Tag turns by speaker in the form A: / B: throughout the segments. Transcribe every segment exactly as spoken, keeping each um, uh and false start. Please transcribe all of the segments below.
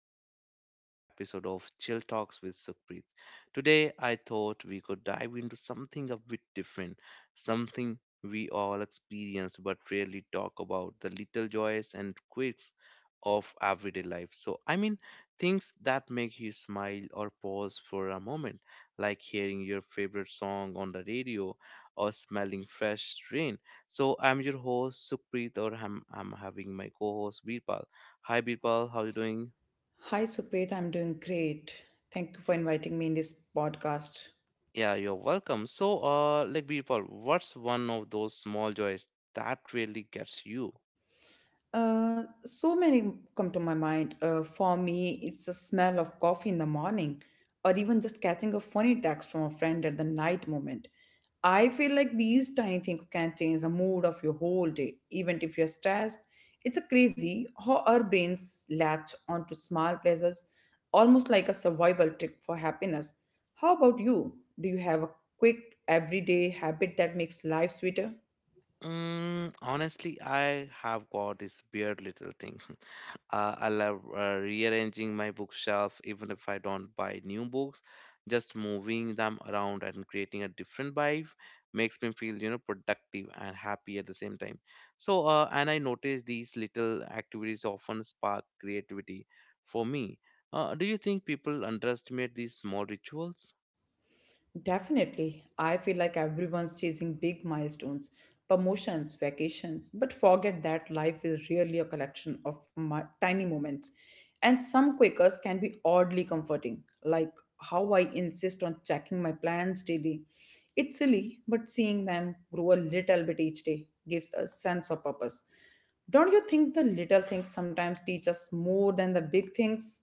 A: back to another episode of Chill Talks with Sukhpreet. Today, I thought we could dive into something a bit different, something we all experience but rarely talk about the little joys and quirks of everyday life. So, I mean, things that make you smile or pause for a moment, like hearing your favorite song on the radio or smelling fresh rain. So, I'm your host, Sukhpreet, or I'm, I'm having my co host, Virpal. Hi Birpal, how you doing?
B: Hi, Supreet. I'm doing great. Thank you for inviting me in this podcast.
A: Yeah, you're welcome. So, uh, like Birpal, what's one of those small joys that really gets you?
B: Uh, so many come to my mind. Uh, for me, it's the smell of coffee in the morning, or even just catching a funny text from a friend at the night moment. I feel like these tiny things can change the mood of your whole day, even if you're stressed. It's a crazy how our brains latch onto small pleasures, almost like a survival trick for happiness. How about you? Do you have a quick everyday habit that makes life sweeter?
A: Mm, honestly, I have got this weird little thing. Uh, I love uh, rearranging my bookshelf, even if I don't buy new books. Just moving them around and creating a different vibe makes me feel, you know, productive and happy at the same time. So, uh, and I notice these little activities often spark creativity for me. Uh, do you think people underestimate these small rituals?
B: Definitely. I feel like everyone's chasing big milestones, promotions, vacations, but forget that life is really a collection of mi- tiny moments. And some Quakers can be oddly comforting, like how I insist on checking my plans daily. It's silly, but seeing them grow a little bit each day gives a sense of purpose. Don't you think the little things sometimes teach us more than the big things?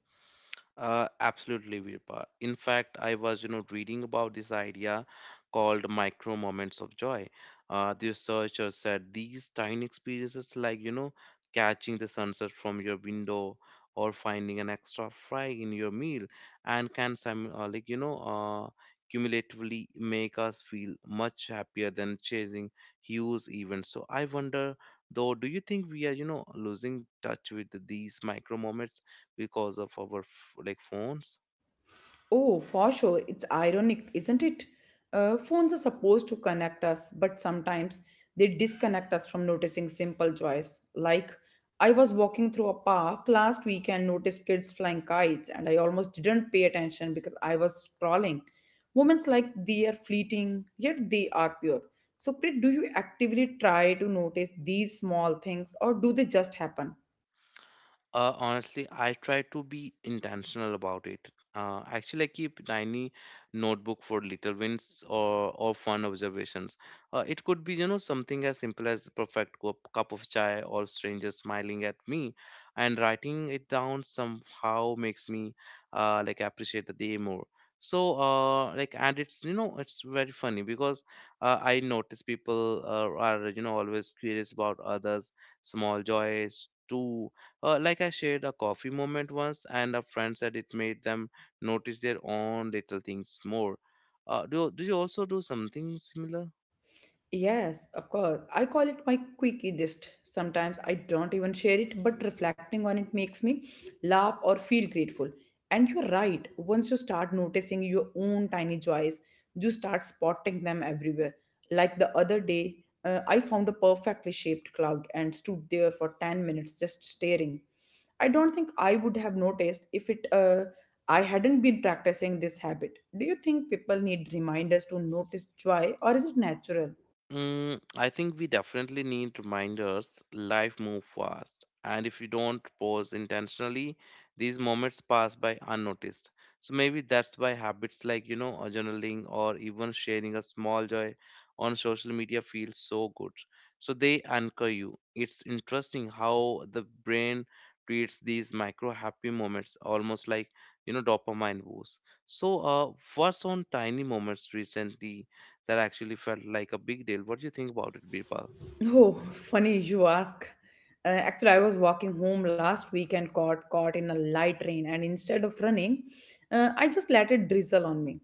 A: Uh, absolutely, Virpa. In fact, I was, you know, reading about this idea called micro moments of joy. Uh, the researchers said these tiny experiences, like, you know, catching the sunset from your window or finding an extra fry in your meal, and can, sim- uh, like, you know, uh, cumulatively make us feel much happier than chasing huge events. So I wonder, though, do you think we are, you know, losing touch with these micro moments, because of our f- like phones?
B: Oh, for sure. It's ironic, isn't it? Uh, phones are supposed to connect us, but sometimes they disconnect us from noticing simple joys. Like, I was walking through a park last week and noticed kids flying kites, and I almost didn't pay attention because I was scrolling. Moments like they are fleeting, yet they are pure. So, Prit, do you actively try to notice these small things, or do they just happen?
A: Uh, honestly, I try to be intentional about it. Uh, actually, I keep a tiny notebook for little wins or or fun observations. Uh, it could be, you know, something as simple as perfect cup, cup of chai or strangers smiling at me, and writing it down somehow makes me uh, like appreciate the day more. So, uh, like, and it's you know, it's very funny because uh, I notice people uh, are you know always curious about others' small joys too, uh, like I shared a coffee moment once, and a friend said it made them notice their own little things more. Uh, do, do you also do something similar?
B: Yes, of course. I call it my quickie list. Sometimes I don't even share it, but reflecting on it makes me laugh or feel grateful. And you're right, once you start noticing your own tiny joys, you start spotting them everywhere. Like the other day, uh, I found a perfectly shaped cloud and stood there for ten minutes just staring. I don't think I would have noticed if it uh, I hadn't been practicing this habit. Do you think people need reminders to notice joy or is it natural?
A: Mm, I think we definitely need reminders. Life moves fast, and if you don't pause intentionally, these moments pass by unnoticed. So maybe that's why habits like, you know, a journaling or even sharing a small joy on social media feels so good. So they anchor you. It's interesting how the brain treats these micro happy moments almost like, you know, dopamine boosts. So, uh, what's on tiny moments recently that actually felt like a big deal? What do you think about it, Birpal?
B: Oh, funny you ask. Uh, actually, I was walking home last week and got caught in a light rain, and instead of running, uh, I just let it drizzle on me.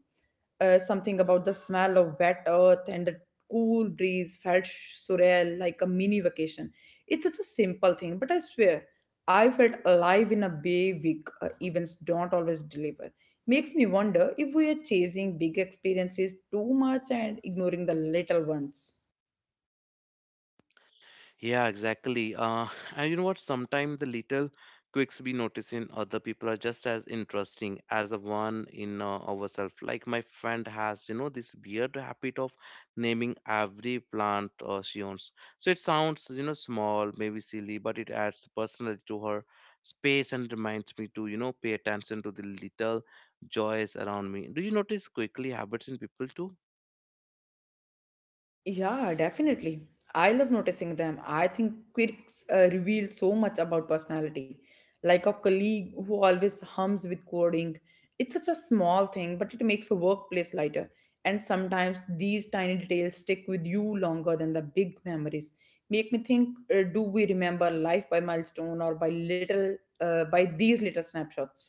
B: Uh, something about the smell of wet earth and the cool breeze felt surreal, like a mini vacation. It's such a simple thing, but I swear, I felt alive in a way week uh, events don't always deliver. Makes me wonder if we are chasing big experiences too much and ignoring the little ones.
A: Yeah, exactly. Uh, and you know what? Sometimes the little quirks we notice in other people are just as interesting as the one in uh, ourselves. Like my friend has, you know, this weird habit of naming every plant uh, she owns. So it sounds, you know, small, maybe silly, but it adds personality to her space and reminds me to, you know, pay attention to the little joys around me. Do you notice quickly habits in people too?
B: Yeah, definitely. I love noticing them. I think quirks uh, reveal so much about personality. Like a colleague who always hums with coding. It's such a small thing, but it makes a workplace lighter. And sometimes these tiny details stick with you longer than the big memories. Make me think, uh, do we remember life by milestone or by little uh, by these little snapshots?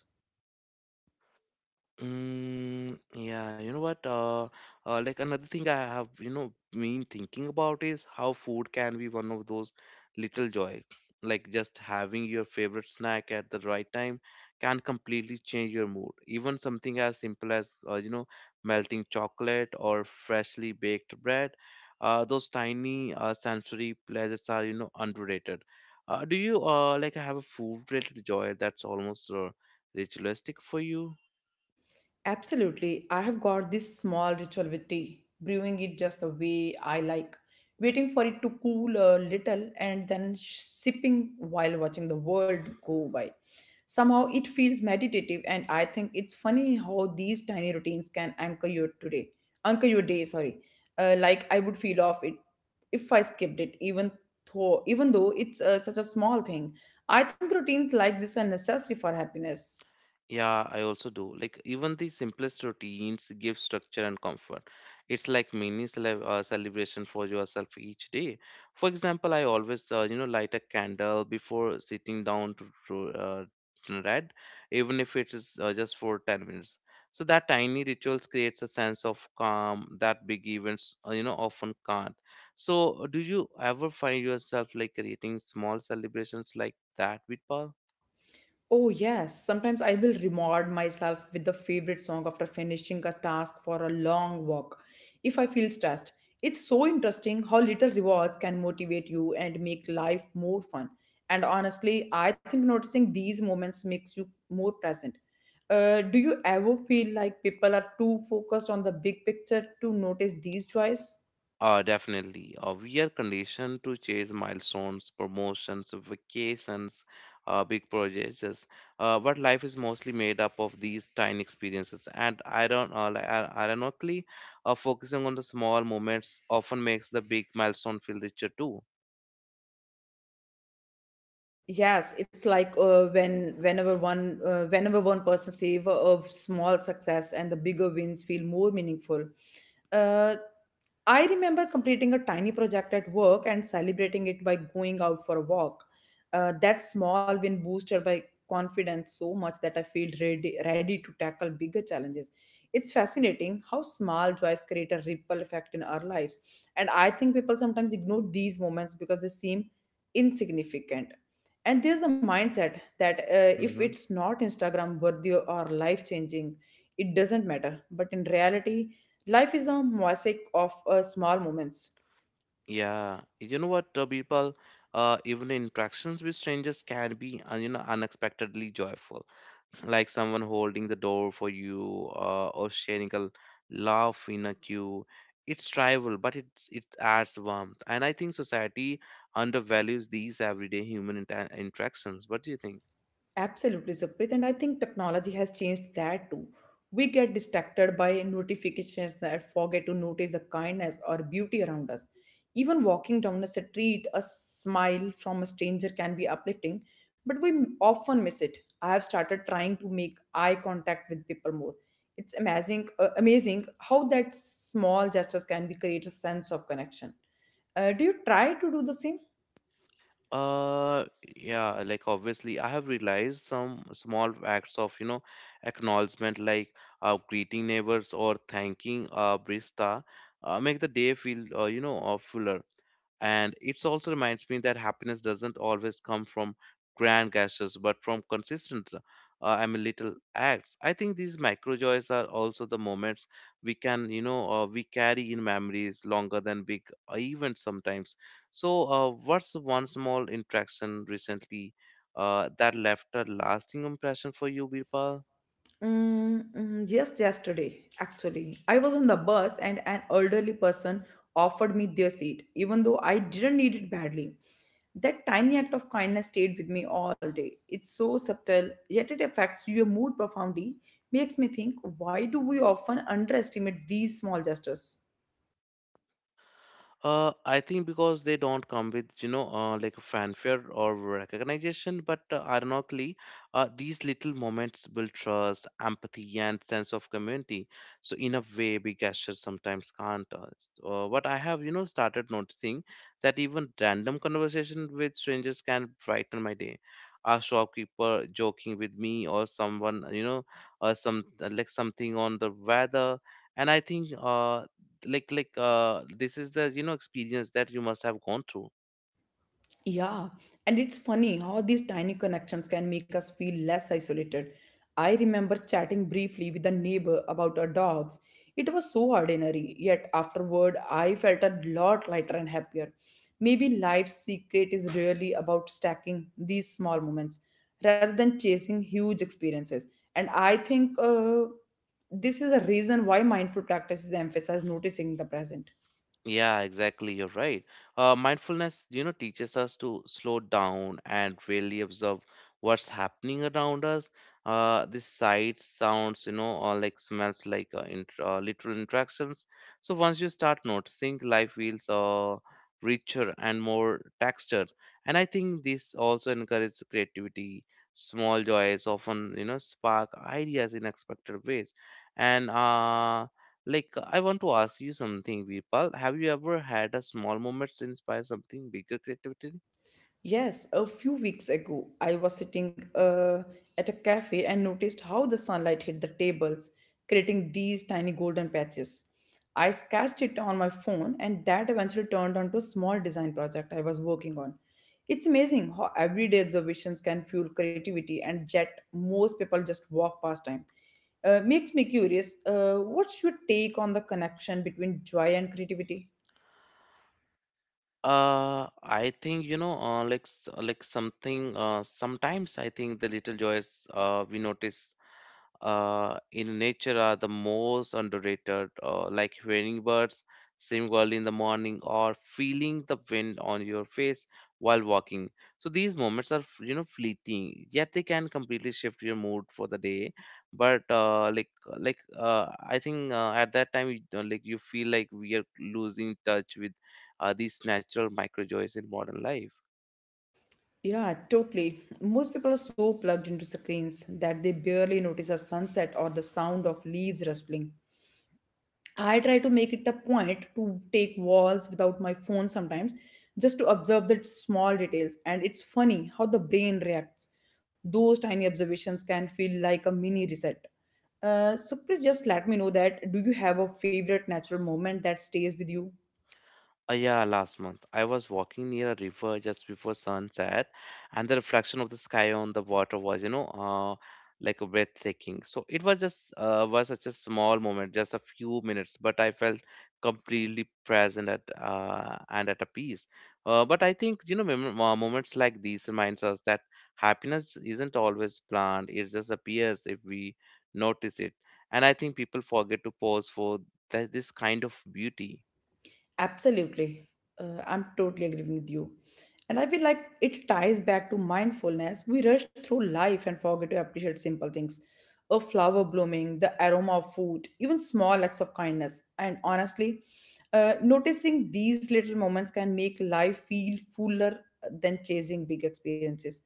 A: Mm, yeah, you know what? Uh, uh, like another thing I have, you know, been thinking about is how food can be one of those little joy. Like just having your favorite snack at the right time can completely change your mood. Even something as simple as, uh, you know, melting chocolate or freshly baked bread, uh, those tiny uh, sensory pleasures are, you know, underrated. Uh, do you uh, like have a food-related joy that's almost uh, ritualistic for you?
B: Absolutely. I have got this small ritual with tea, brewing it just the way I like, waiting for it to cool a little and then sh- sipping while watching the world go by. Somehow it feels meditative and I think it's funny how these tiny routines can anchor your today, anchor your day, sorry. Uh, like I would feel off it if I skipped it, even though even though it's uh, such a small thing. I think routines like this are necessary for happiness.
A: Yeah, I also do. Like even the simplest routines give structure and comfort. It's like mini cele- uh, celebration for yourself each day. For example, I always uh, you know light a candle before sitting down to, to uh, to read, even if it is uh, just for ten minutes. So that tiny rituals creates a sense of calm that big events uh, you know often can't. So uh, do you ever find yourself like creating small celebrations like that with
B: Oh, yes. Sometimes I will reward myself with the favorite song after finishing a task for a long walk if I feel stressed. It's so interesting how little rewards can motivate you and make life more fun. And honestly, I think noticing these moments makes you more present. Uh, do you ever feel like people are too focused on the big picture to notice these joys?
A: Uh, definitely. Uh, we are conditioned to chase milestones, promotions, vacations, uh, big projects. Yes. Uh, but life is mostly made up of these tiny experiences. And iron, uh, li- uh, ironically, uh, focusing on the small moments often makes the big milestone feel richer too.
B: Yes, it's like uh, when whenever one uh, whenever one person savor of small success and the bigger wins feel more meaningful. Uh, I remember completing a tiny project at work and celebrating it by going out for a walk. Uh, that small win boosted my confidence so much that I feel ready, ready to tackle bigger challenges. It's fascinating how small joys create a ripple effect in our lives. And I think people sometimes ignore these moments because they seem insignificant. And there's the mindset that uh, if
A: Hmm.
B: it's not Instagram worthy or life changing, it doesn't matter. But in reality, life is a mosaic of uh, small moments.
A: Yeah. You know what, uh, people? Uh, even interactions with strangers can be, uh, you know, unexpectedly joyful, like someone holding the door for you uh, or sharing a l- laugh in a queue. It's tribal but it's it adds warmth, and I think society undervalues these everyday human inter- interactions. What do you think?
B: Absolutely, Sukrit. And I think technology has changed that too. We get distracted by notifications and forget to notice the kindness or beauty around us. Even walking down a street, a smile from a stranger can be uplifting, but we often miss it. I have started trying to make eye contact with people more. It's amazing, uh, amazing how that small gestures can be create a sense of connection. Uh, do you try to do the same?
A: uh yeah, like obviously I have realized some small acts of you know acknowledgement, like uh, greeting neighbors or thanking a barista uh, make the day feel uh, you know uh, fuller. And it also reminds me that happiness doesn't always come from grand gestures, but from consistent, uh, I mean, little acts. I think these micro joys are also the moments we can, you know, uh, we carry in memories longer than big events sometimes. So, uh, what's one small interaction recently uh, that left a lasting impression for you, Birpal?
B: Mm, mm, just yesterday, actually, I was on the bus and an elderly person offered me their seat, even though I didn't need it badly. That tiny act of kindness stayed with me all day. It's so subtle, yet it affects your mood profoundly. Makes me think, why do we often underestimate these small gestures?
A: Uh, I think because they don't come with, you know, uh, like a fanfare or recognition, but uh, ironically, uh, these little moments build trust, empathy, and sense of community. So, in a way, big gestures sometimes can't. Uh, s- uh, what I have, you know, started noticing that even random conversation with strangers can brighten my day. A shopkeeper joking with me, or someone, you know, uh, some uh, like something on the weather, and I think uh, like like uh this is the you know experience that you must have gone through.
B: Yeah, and it's funny how these tiny connections can make us feel less isolated. I remember chatting briefly with a neighbor about our dogs. It was so ordinary, yet afterward I felt a lot lighter and happier. Maybe life's secret is really about stacking these small moments rather than chasing huge experiences. And I think uh, this is a reason why mindful practices emphasize noticing the present.
A: Yeah, exactly. You're right. Uh, mindfulness, you know, teaches us to slow down and really observe what's happening around us. Uh, the sights, sounds, you know, or like smells, like uh, int uh, literal interactions. So once you start noticing, life feels uh, richer and more textured. And I think this also encourages creativity. Small joys often, you know, spark ideas in unexpected ways. And uh, like, uh, I want to ask you something, Vipal. Have you ever had a small moments inspire something bigger creativity?
B: Yes, a few weeks ago, I was sitting uh, at a cafe and noticed how the sunlight hit the tables, creating these tiny golden patches. I sketched it on my phone, and that eventually turned onto a small design project I was working on. It's amazing how everyday observations can fuel creativity, and yet most people just walk past time. Uh, makes me curious. Uh, what's your take on the connection between joy and creativity?
A: Uh, I think you know, uh, like s- uh, like something. Uh, sometimes I think the little joys uh, we notice uh, in nature are the most underrated. Uh, like hearing birds sing early in the morning or feeling the wind on your face while walking. So these moments are f- you know fleeting, yet they can completely shift your mood for the day. But uh, like like uh, I think uh, at that time you, don't- like you feel like we are losing touch with are these natural micro joys in modern life.
B: Yeah, totally. Most people are so plugged into screens that they barely notice a sunset or the sound of leaves rustling. I try to make it a point to take walks without my phone sometimes just to observe the small details. And it's funny how the brain reacts. Those tiny observations can feel like a mini reset. Uh, so please just let me know that do you have a favorite natural moment that stays with you?
A: Uh, yeah, last month I was walking near a river just before sunset, and the reflection of the sky on the water was, you know, uh, like breathtaking. So it was just uh, was such a small moment, just a few minutes, but I felt completely present at uh, and at a peace. Uh, but I think you know mem- uh, moments like these reminds us that happiness isn't always planned; it just appears if we notice it. And I think people forget to pause for th- this kind of beauty.
B: Absolutely. Uh, I'm totally agreeing with you. And I feel like it ties back to mindfulness. We rush through life and forget to appreciate simple things. A flower blooming, the aroma of food, even small acts of kindness. And honestly, uh, noticing these little moments can make life feel fuller than chasing big experiences.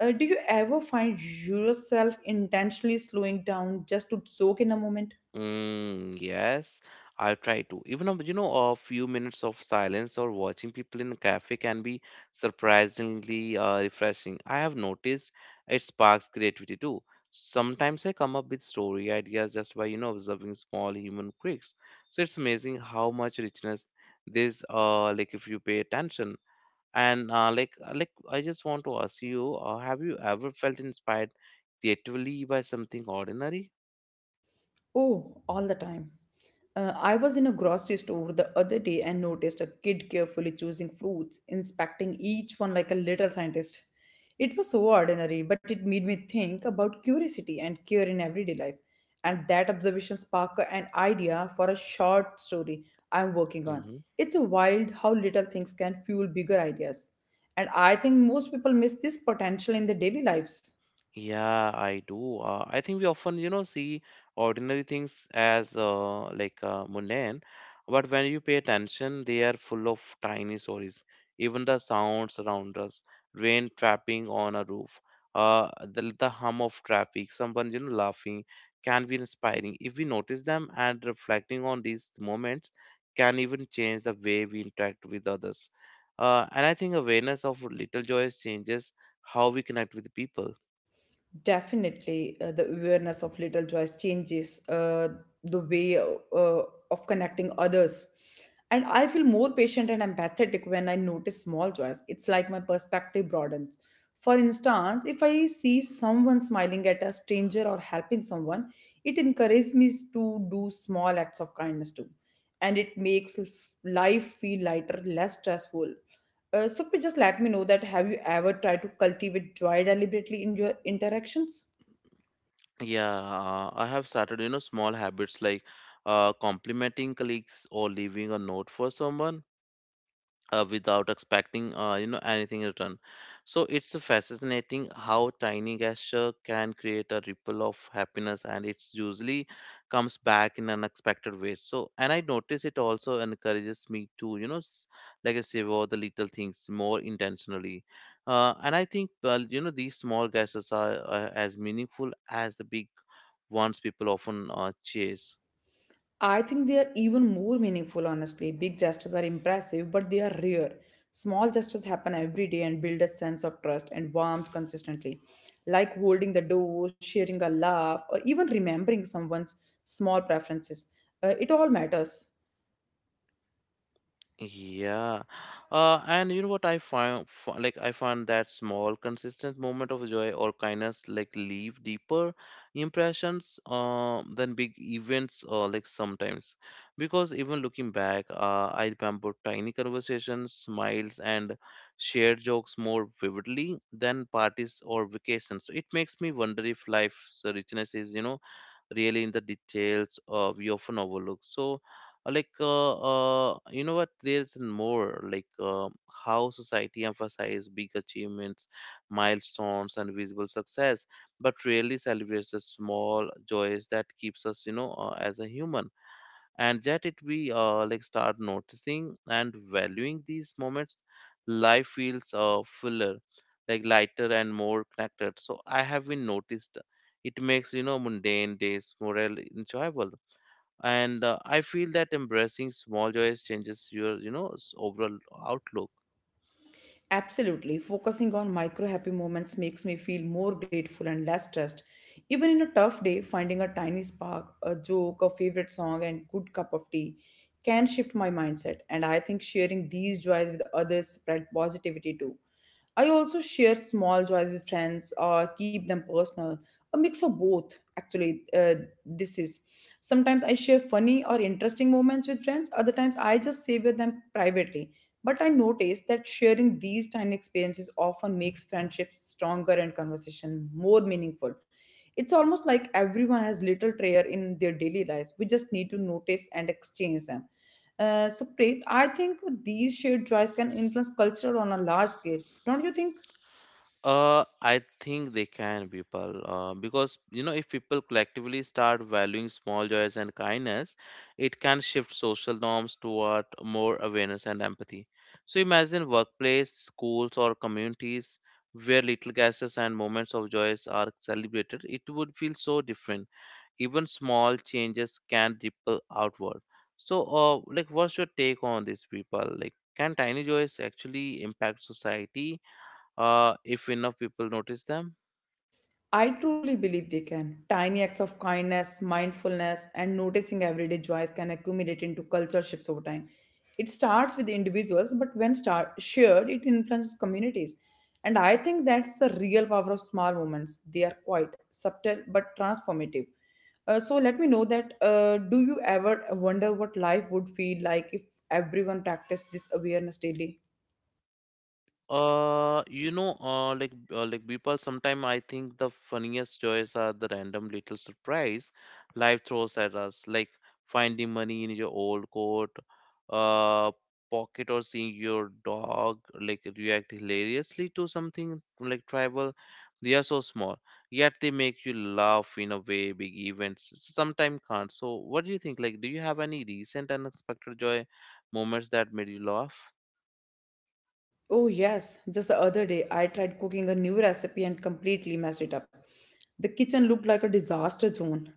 B: Uh, do you ever find yourself intentionally slowing down just to soak in a moment?
A: Mm, yes, I try to. Even a- you know, a few minutes of silence or watching people in a cafe can be surprisingly uh, refreshing. I have noticed it sparks creativity too. Sometimes I come up with story ideas just by you know observing small human quirks. So it's amazing how much richness this uh like if you pay attention. And uh, like uh, like I just want to ask you, uh, have you ever felt inspired creatively by something ordinary?
B: Oh, all the time. Uh, I was in a grocery store the other day and noticed a kid carefully choosing fruits, inspecting each one like a little scientist. It was so ordinary, but it made me think about curiosity and care in everyday life. And that observation sparked an idea for a short story I'm working on.
A: Mm-hmm.
B: It's wild how little things can fuel bigger ideas. And I think most people miss this potential in their daily lives.
A: Yeah, I do. Uh, I think we often, you know, see ordinary things as uh, like uh, mundane, but when you pay attention, they are full of tiny stories. Even the sounds around us, rain trapping on a roof, uh, the, the hum of traffic, someone, you know, laughing can be inspiring. If we notice them and reflecting on these moments can even change the way we interact with others. Uh, and I think awareness of little joys changes how we connect with people.
B: Definitely, uh, the awareness of little joys changes uh, the way uh, of connecting others. And I feel more patient and empathetic when I notice small joys. It's like my perspective broadens. For instance, if I see someone smiling at a stranger or helping someone, it encourages me to do small acts of kindness too. And it makes life feel lighter, less stressful. Uh, so please just let me know that have you ever tried to cultivate joy deliberately in your interactions?
A: Yeah, uh, I have started, you know, small habits like uh, complimenting colleagues or leaving a note for someone uh, without expecting, uh, you know, anything in return. So it's fascinating how tiny gesture can create a ripple of happiness, and it's usually comes back in unexpected ways. So, and I notice it also encourages me to, you know, s- like I say, all the little things more intentionally. Uh, and I think, well, you know, these small gestures are uh, as meaningful as the big ones people often uh, chase.
B: I think they are even more meaningful, honestly. Big gestures are impressive, but they are rare. Small gestures happen every day and build a sense of trust and warmth consistently, like holding the door, sharing a laugh, or even remembering someone's small preferences. Uh, it all matters.
A: Yeah, uh, and you know what I find, fi- like I find that small, consistent moment of joy or kindness like leave deeper impressions uh, than big events. Uh, like sometimes, because even looking back, uh, I remember tiny conversations, smiles, and shared jokes more vividly than parties or vacations. It makes me wonder if life's richness is, you know, really in the details uh, we often overlook. So like uh, uh, you know what, there's more like uh, how society emphasizes big achievements, milestones, and visible success, but rarely celebrates the small joys that keeps us, you know, uh, as a human. And yet, it we uh, like, start noticing and valuing these moments, life feels uh, fuller, like lighter and more connected. So I have been noticed it makes, you know, mundane days more enjoyable. And uh, I feel that embracing small joys changes your, you know, s- overall outlook.
B: Absolutely. Focusing on micro happy moments makes me feel more grateful and less stressed. Even in a tough day, finding a tiny spark, a joke, a favorite song, and good cup of tea can shift my mindset. And I think sharing these joys with others spread positivity too. I also share small joys with friends or keep them personal. A mix of both, actually, uh, this is. Sometimes I share funny or interesting moments with friends, other times I just savor them privately but I noticed that sharing these tiny experiences often makes friendships stronger and conversation more meaningful. It's almost like everyone has little treasure in their daily lives. We just need to notice and exchange them. Uh, so, Preet, I think these shared joys can influence culture on a large scale. Don't you think?
A: uh I think they can, people, uh, because, you know, if people collectively start valuing small joys and kindness, it can shift social norms toward more awareness and empathy. So imagine workplace, schools, or communities where little gestures and moments of joys are celebrated, it would feel so different. Even small changes can ripple outward. So, uh, like, what's your take on this, people? Like, can tiny joys actually impact society uh, if enough people notice them?
B: I truly believe they can. Tiny acts of kindness, mindfulness, and noticing everyday joys can accumulate into culture shifts over time. It starts with individuals, but when start, shared, it influences communities. And I think that's the real power of small moments. They are quite subtle but transformative. Uh, so let me know that uh, do you ever wonder what life would feel like if everyone practiced this awareness daily?
A: Uh, you know, uh, like uh, like, people. Sometimes I think the funniest joys are the random little surprise life throws at us, like finding money in your old coat, uh, pocket, or seeing your dog like react hilariously to something like tribal. They are so small, yet they make you laugh in a way big events sometimes can't. So, what do you think? Like, do you have any recent unexpected joy moments that made you laugh?
B: Oh, yes. Just the other day, I tried cooking a new recipe and completely messed it up. The kitchen looked like a disaster zone.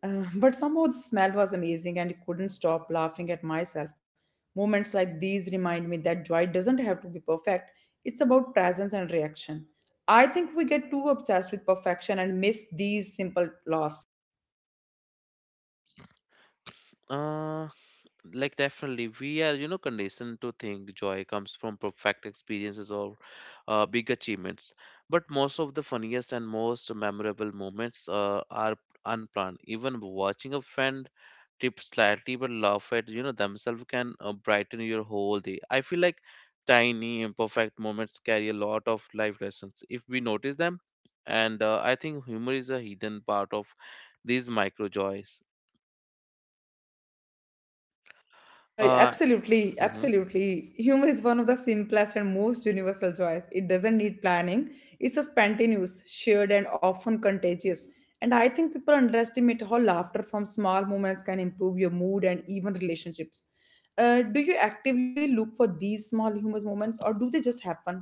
B: Uh, but somehow the smell was amazing and I couldn't stop laughing at myself. Moments like these remind me that joy doesn't have to be perfect, it's about presence and reaction. I think we get too obsessed with perfection and miss these simple laughs.
A: Uh, like definitely we are, you know, conditioned to think joy comes from perfect experiences or uh, big achievements, but most of the funniest and most memorable moments uh, are unplanned. Even watching a friend tip slightly but laugh at, you know, themselves can uh, brighten your whole day. I feel like tiny imperfect moments carry a lot of life lessons if we notice them. And uh, I think humor is a hidden part of these micro joys.
B: Uh,
A: uh,
B: absolutely,
A: mhm.
B: absolutely. Humor is one of the simplest and most universal joys. It doesn't need planning. It's a spontaneous, shared, and often contagious. And I think people underestimate how laughter from small moments can improve your mood and even relationships. Uh, do you actively look for these small humorous moments, or do they just happen?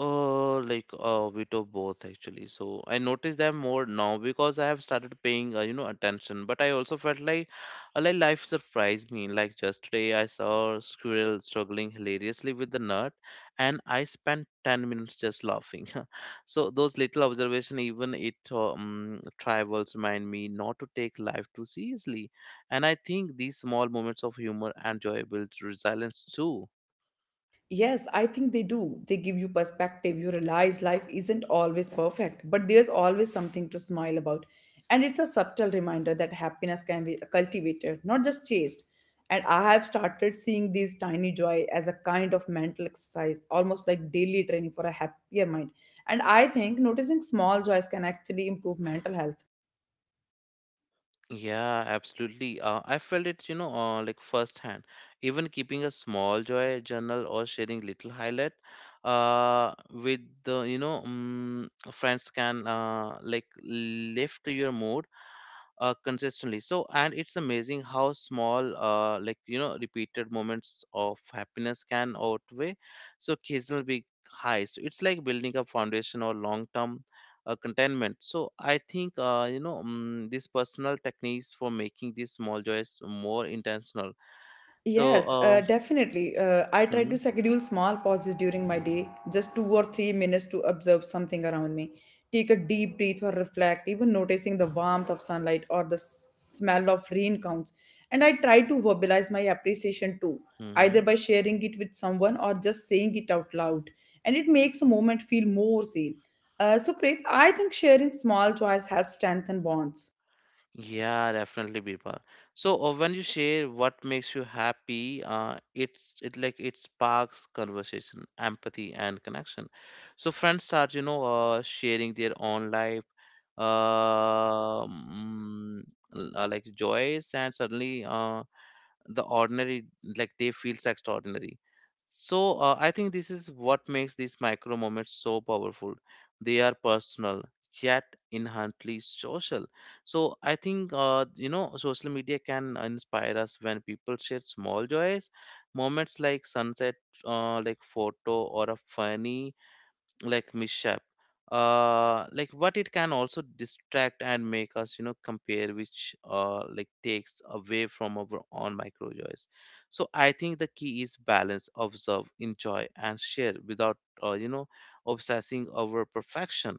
A: Uh, like a bit of both, actually. So I notice them more now because I have started paying, uh, you know, attention. But I also felt like, uh, like life surprised me. Like just today, I saw a squirrel struggling hilariously with the nut, and I spent ten minutes just laughing. So those little observation, even it um, travels, remind me not to take life too seriously. And I think these small moments of humor and joy build resilience too.
B: Yes, I think they do. They give you perspective. You realize life isn't always perfect, but there's always something to smile about. And it's a subtle reminder that happiness can be cultivated, not just chased. And I have started seeing these tiny joy as a kind of mental exercise, almost like daily training for a happier mind. And I think noticing small joys can actually improve mental health.
A: Yeah, absolutely. Uh, I felt it, you know, uh, like firsthand. Even keeping a small joy journal or sharing little highlight uh, with the, you know, um, friends can uh, like lift your mood uh, consistently. So, and it's amazing how small, uh, like, you know, repeated moments of happiness can outweigh so occasional big highs. So it's like building a foundation or long term uh, contentment. So I think, uh, you know, um, these personal techniques for making these small joys more intentional. so
B: Yes, uh,
A: uh,
B: definitely. Uh, I try to
A: mhm,
B: schedule small pauses during my day, just two or three minutes to observe something around me. Take a deep breath or reflect, even noticing the warmth of sunlight or the smell of rain counts. And I try to verbalize my appreciation too, either
A: mhm.
B: by sharing it with someone or just saying it out loud. And it makes the moment feel more real. Uh, so, Preet, I think sharing small joys helps strengthen bonds.
A: Yeah, definitely, Birpa. So uh, when you share what makes you happy, uh, it's it like it sparks conversation, empathy, and connection. So friends start, you know, uh, sharing their own life, uh, mm, l- uh, like joys, and suddenly, uh, the ordinary like they feels extraordinary. So uh, I think this is what makes these micro moments so powerful. They are personal yet inherently social. So I think uh, you know, social media can inspire us when people share small joys, moments like sunset, uh, like photo, or a funny like mishap, uh like, but it can also distract and make us, you know, compare, which uh like takes away from our own micro joys. So I think the key is balance: observe, enjoy, and share without, uh, you know, obsessing over perfection.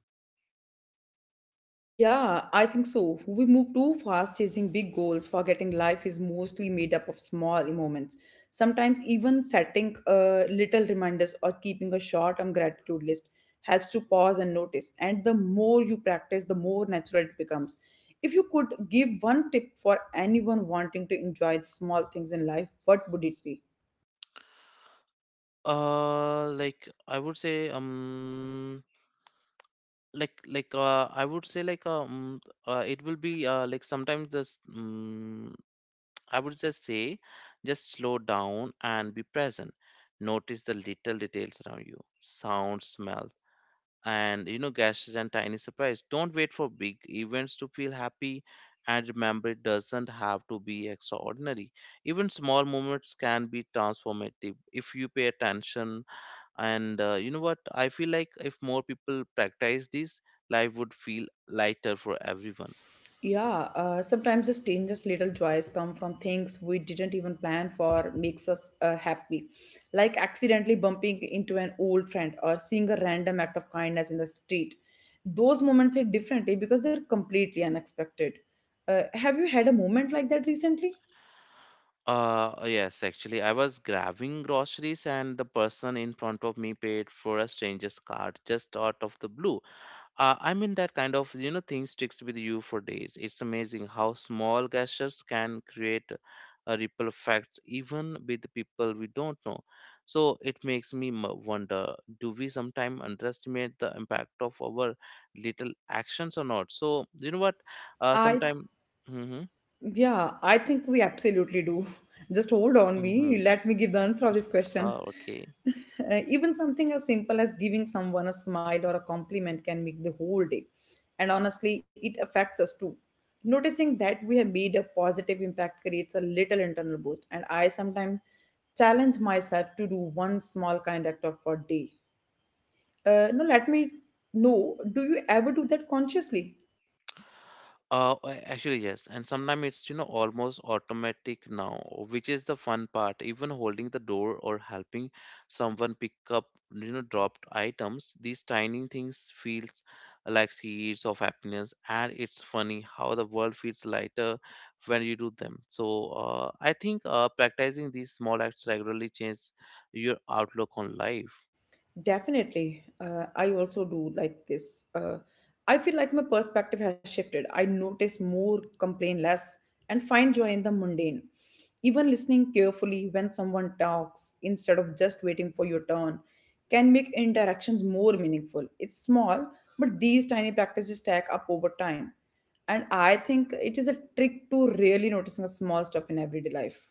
B: Yeah, I think so. We move too fast chasing big goals, forgetting life is mostly made up of small moments. Sometimes, even setting uh, little reminders or keeping a short term gratitude list helps to pause and notice. And the more you practice, the more natural it becomes. If you could give one tip for anyone wanting to enjoy the small things in life, what would it be?
A: Uh like I would say um like like uh, I would say like um uh, it will be uh, like sometimes this I would just say, just slow down and be present. Notice the little details around you: sounds, smells, and, you know, gestures and tiny surprise. Don't wait for big events to feel happy. And remember, it doesn't have to be extraordinary. Even small moments can be transformative if you pay attention. And uh, you know what? I feel like if more people practice this, life would feel lighter for everyone.
B: Yeah, uh, sometimes the strangest little joys come from things we didn't even plan for, makes us uh, happy. Like accidentally bumping into an old friend or seeing a random act of kindness in the street. Those moments hit differently because they're completely unexpected. Uh, have you had a moment like that recently?
A: Uh, yes, actually, I was grabbing groceries and the person in front of me paid for a stranger's card just out of the blue. Uh, I mean that kind of, you know, thing sticks with you for days. It's amazing how small gestures can create a ripple effects even with people we don't know. So it makes me m- wonder: do we sometimes underestimate the impact of our little actions or not? So you know what? Uh,
B: I
A: sometime. Mm-hmm,
B: Yeah, I think we absolutely do. Just hold on
A: mm-hmm.
B: me. Let me give the answer of this question.
A: Ah, okay.
B: Uh, even something as simple as giving someone a smile or a compliment can make the whole day. And honestly, it affects us too. Noticing that we have made a positive impact creates a little internal boost. And I sometimes challenge myself to do one small kind act of a day. Uh, now, let me know, do you ever do that consciously?
A: Uh, a- actually, yes, and sometimes it's, you know, almost automatic now, which is the fun part. Even holding the door or helping someone pick up, you know, dropped items, these tiny things feels like seeds of happiness, and it's funny how the world feels lighter when you do them. So uh, I think uh, practicing these small acts regularly changes your outlook on life.
B: Definitely. Uh, I also do like this. Uh, I feel like my perspective has shifted. I notice more, complain less, and find joy in the mundane. Even listening carefully when someone talks instead of just waiting for your turn can make interactions more meaningful. It's small, but these tiny practices stack up over time. And I think it is a trick to really noticing the small stuff in everyday life.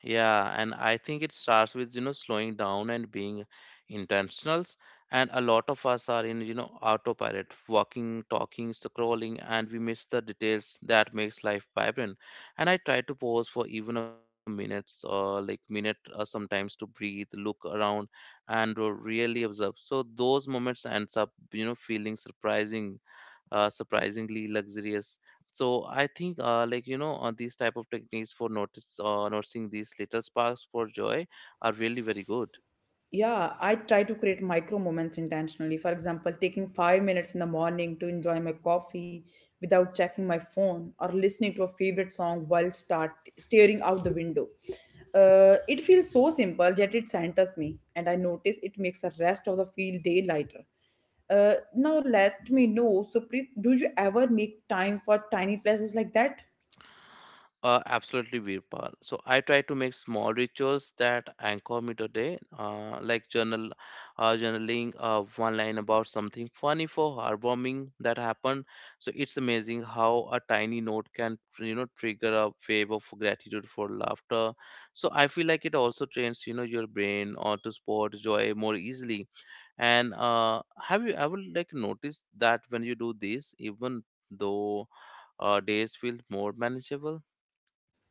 A: Yeah, and I think it starts with, you know, slowing down and being intentionals. And a lot of us are in, you know, autopilot, walking, talking, scrolling, and we miss the details that makes life vibrant. And I try to pause for even a minute, or like minute, uh, sometimes to breathe, look around, and uh, really observe. So those moments ends up, you know, feeling surprising uh, surprisingly luxurious. So I think, uh, like you know uh, these type of techniques for notice uh, noticing these little sparks for joy are really very good.
B: Yeah, I try to create micro moments intentionally. For example, taking five minutes in the morning to enjoy my coffee without checking my phone or listening to a favorite song while start staring out the window. Uh, it feels so simple, yet it centers me, and I notice it makes the rest of the field day lighter. Uh, now let me know, Suprit, do you ever make time for tiny places like that?
A: Uh, absolutely, Virpal. So I try to make small rituals that anchor me today, uh, like journal, uh, journaling, uh, one line about something funny for heartwarming that happened. So it's amazing how a tiny note can, you know, trigger a wave of gratitude for laughter. So I feel like it also trains, you know, your brain or to spot joy more easily. And uh, have you ever like noticed that when you do this, even though uh, days feel more manageable?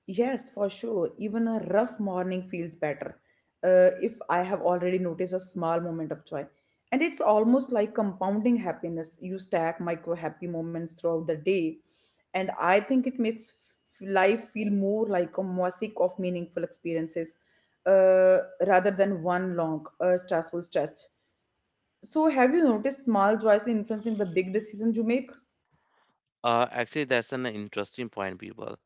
B: Yes, for sure. Even a rough morning feels better uh, if I have already noticed a small moment of joy. And it's almost like compounding happiness. You stack micro happy moments throughout the day. And I think it makes f- life feel more like a mosaic of meaningful experiences uh, rather than one long, uh, stressful stretch. So, have you noticed small joys influencing the big decisions you make?
A: Uh, actually, that's an interesting point, people.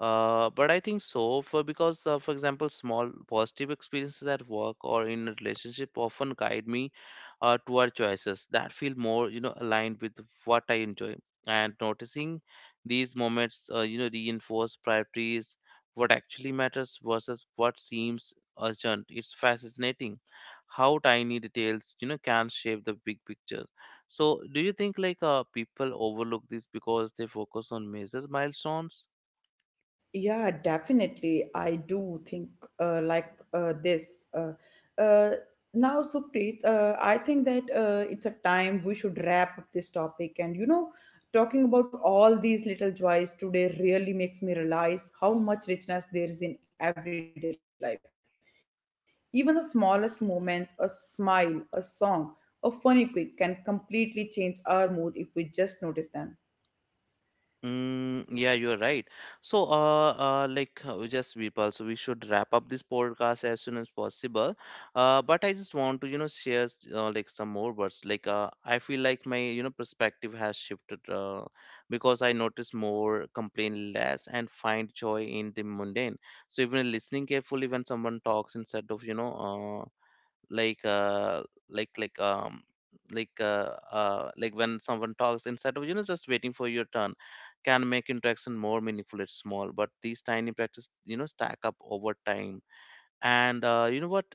A: Uh, but I think so for because, uh, for example, small positive experiences at work or in a relationship often guide me uh, toward choices that feel more, you know, aligned with what I enjoy. And noticing these moments, uh, you know, reinforce priorities, what actually matters versus what seems urgent. It's fascinating how tiny details, you know, can shape the big picture. So, do you think like uh, people overlook this because they focus on major milestones?
B: Yeah, definitely. I do think uh, like uh, this. Uh, uh, Now, Supreet, uh, I think that uh, it's a time we should wrap up this topic. And you know, talking about all these little joys today really makes me realize how much richness there is in everyday life. Even the smallest moments, a smile, a song, a funny quip can completely change our mood if we just notice them.
A: Mm, yeah, you're right. So, uh, uh, like, uh, just Vipal, so we should wrap up this podcast as soon as possible. Uh, but I just want to, you know, share s- uh, like some more words. Like, uh, I feel like my, you know, perspective has shifted uh, because I notice more, complain less, and find joy in the mundane. So, even listening carefully when someone talks instead of, you know, uh, like uh like like um like uh, uh like when someone talks instead of, you know, just waiting for your turn, can make interaction more meaningful. It's small, but these tiny practice, you know, stack up over time. And uh, you know what,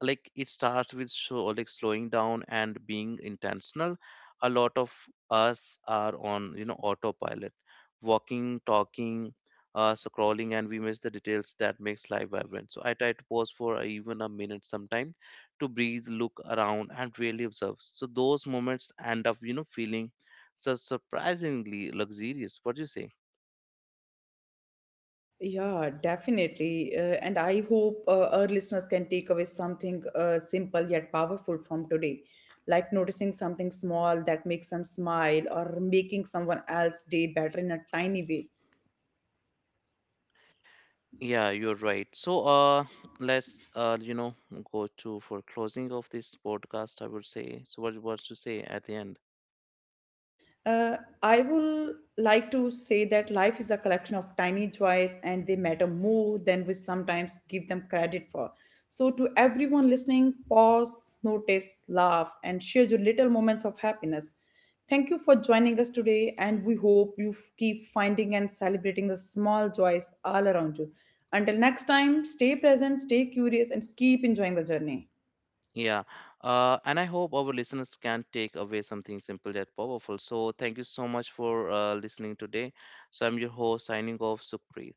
A: like it starts with so like slowing down and being intentional. A lot of us are on, you know, autopilot, walking, talking, uh, scrolling, and we miss the details that makes life vibrant. So I try to pause for even a minute sometime to breathe, look around, and really observe. So those moments end up, you know, feeling so surprisingly luxurious. What do you say?
B: Yeah, definitely. Uh, and I hope uh, our listeners can take away something uh, simple yet powerful from today, like noticing something small that makes them smile or making someone else's day better in a tiny way.
A: Yeah, you're right. So, uh, let's uh, you know, go to for closing of this podcast. I would say. So, what what to say at the end?
B: Uh, I will like to say that life is a collection of tiny joys and they matter more than we sometimes give them credit for. So, to everyone listening, pause, notice, laugh, and share your little moments of happiness. Thank you for joining us today, and we hope you f- keep finding and celebrating the small joys all around you. Until next time, stay present, stay curious, and keep enjoying the journey.
A: Yeah. Uh, and I hope our listeners can take away something simple yet powerful. So, thank you so much for uh, listening today. So, I'm your host signing off, Sukhpreet.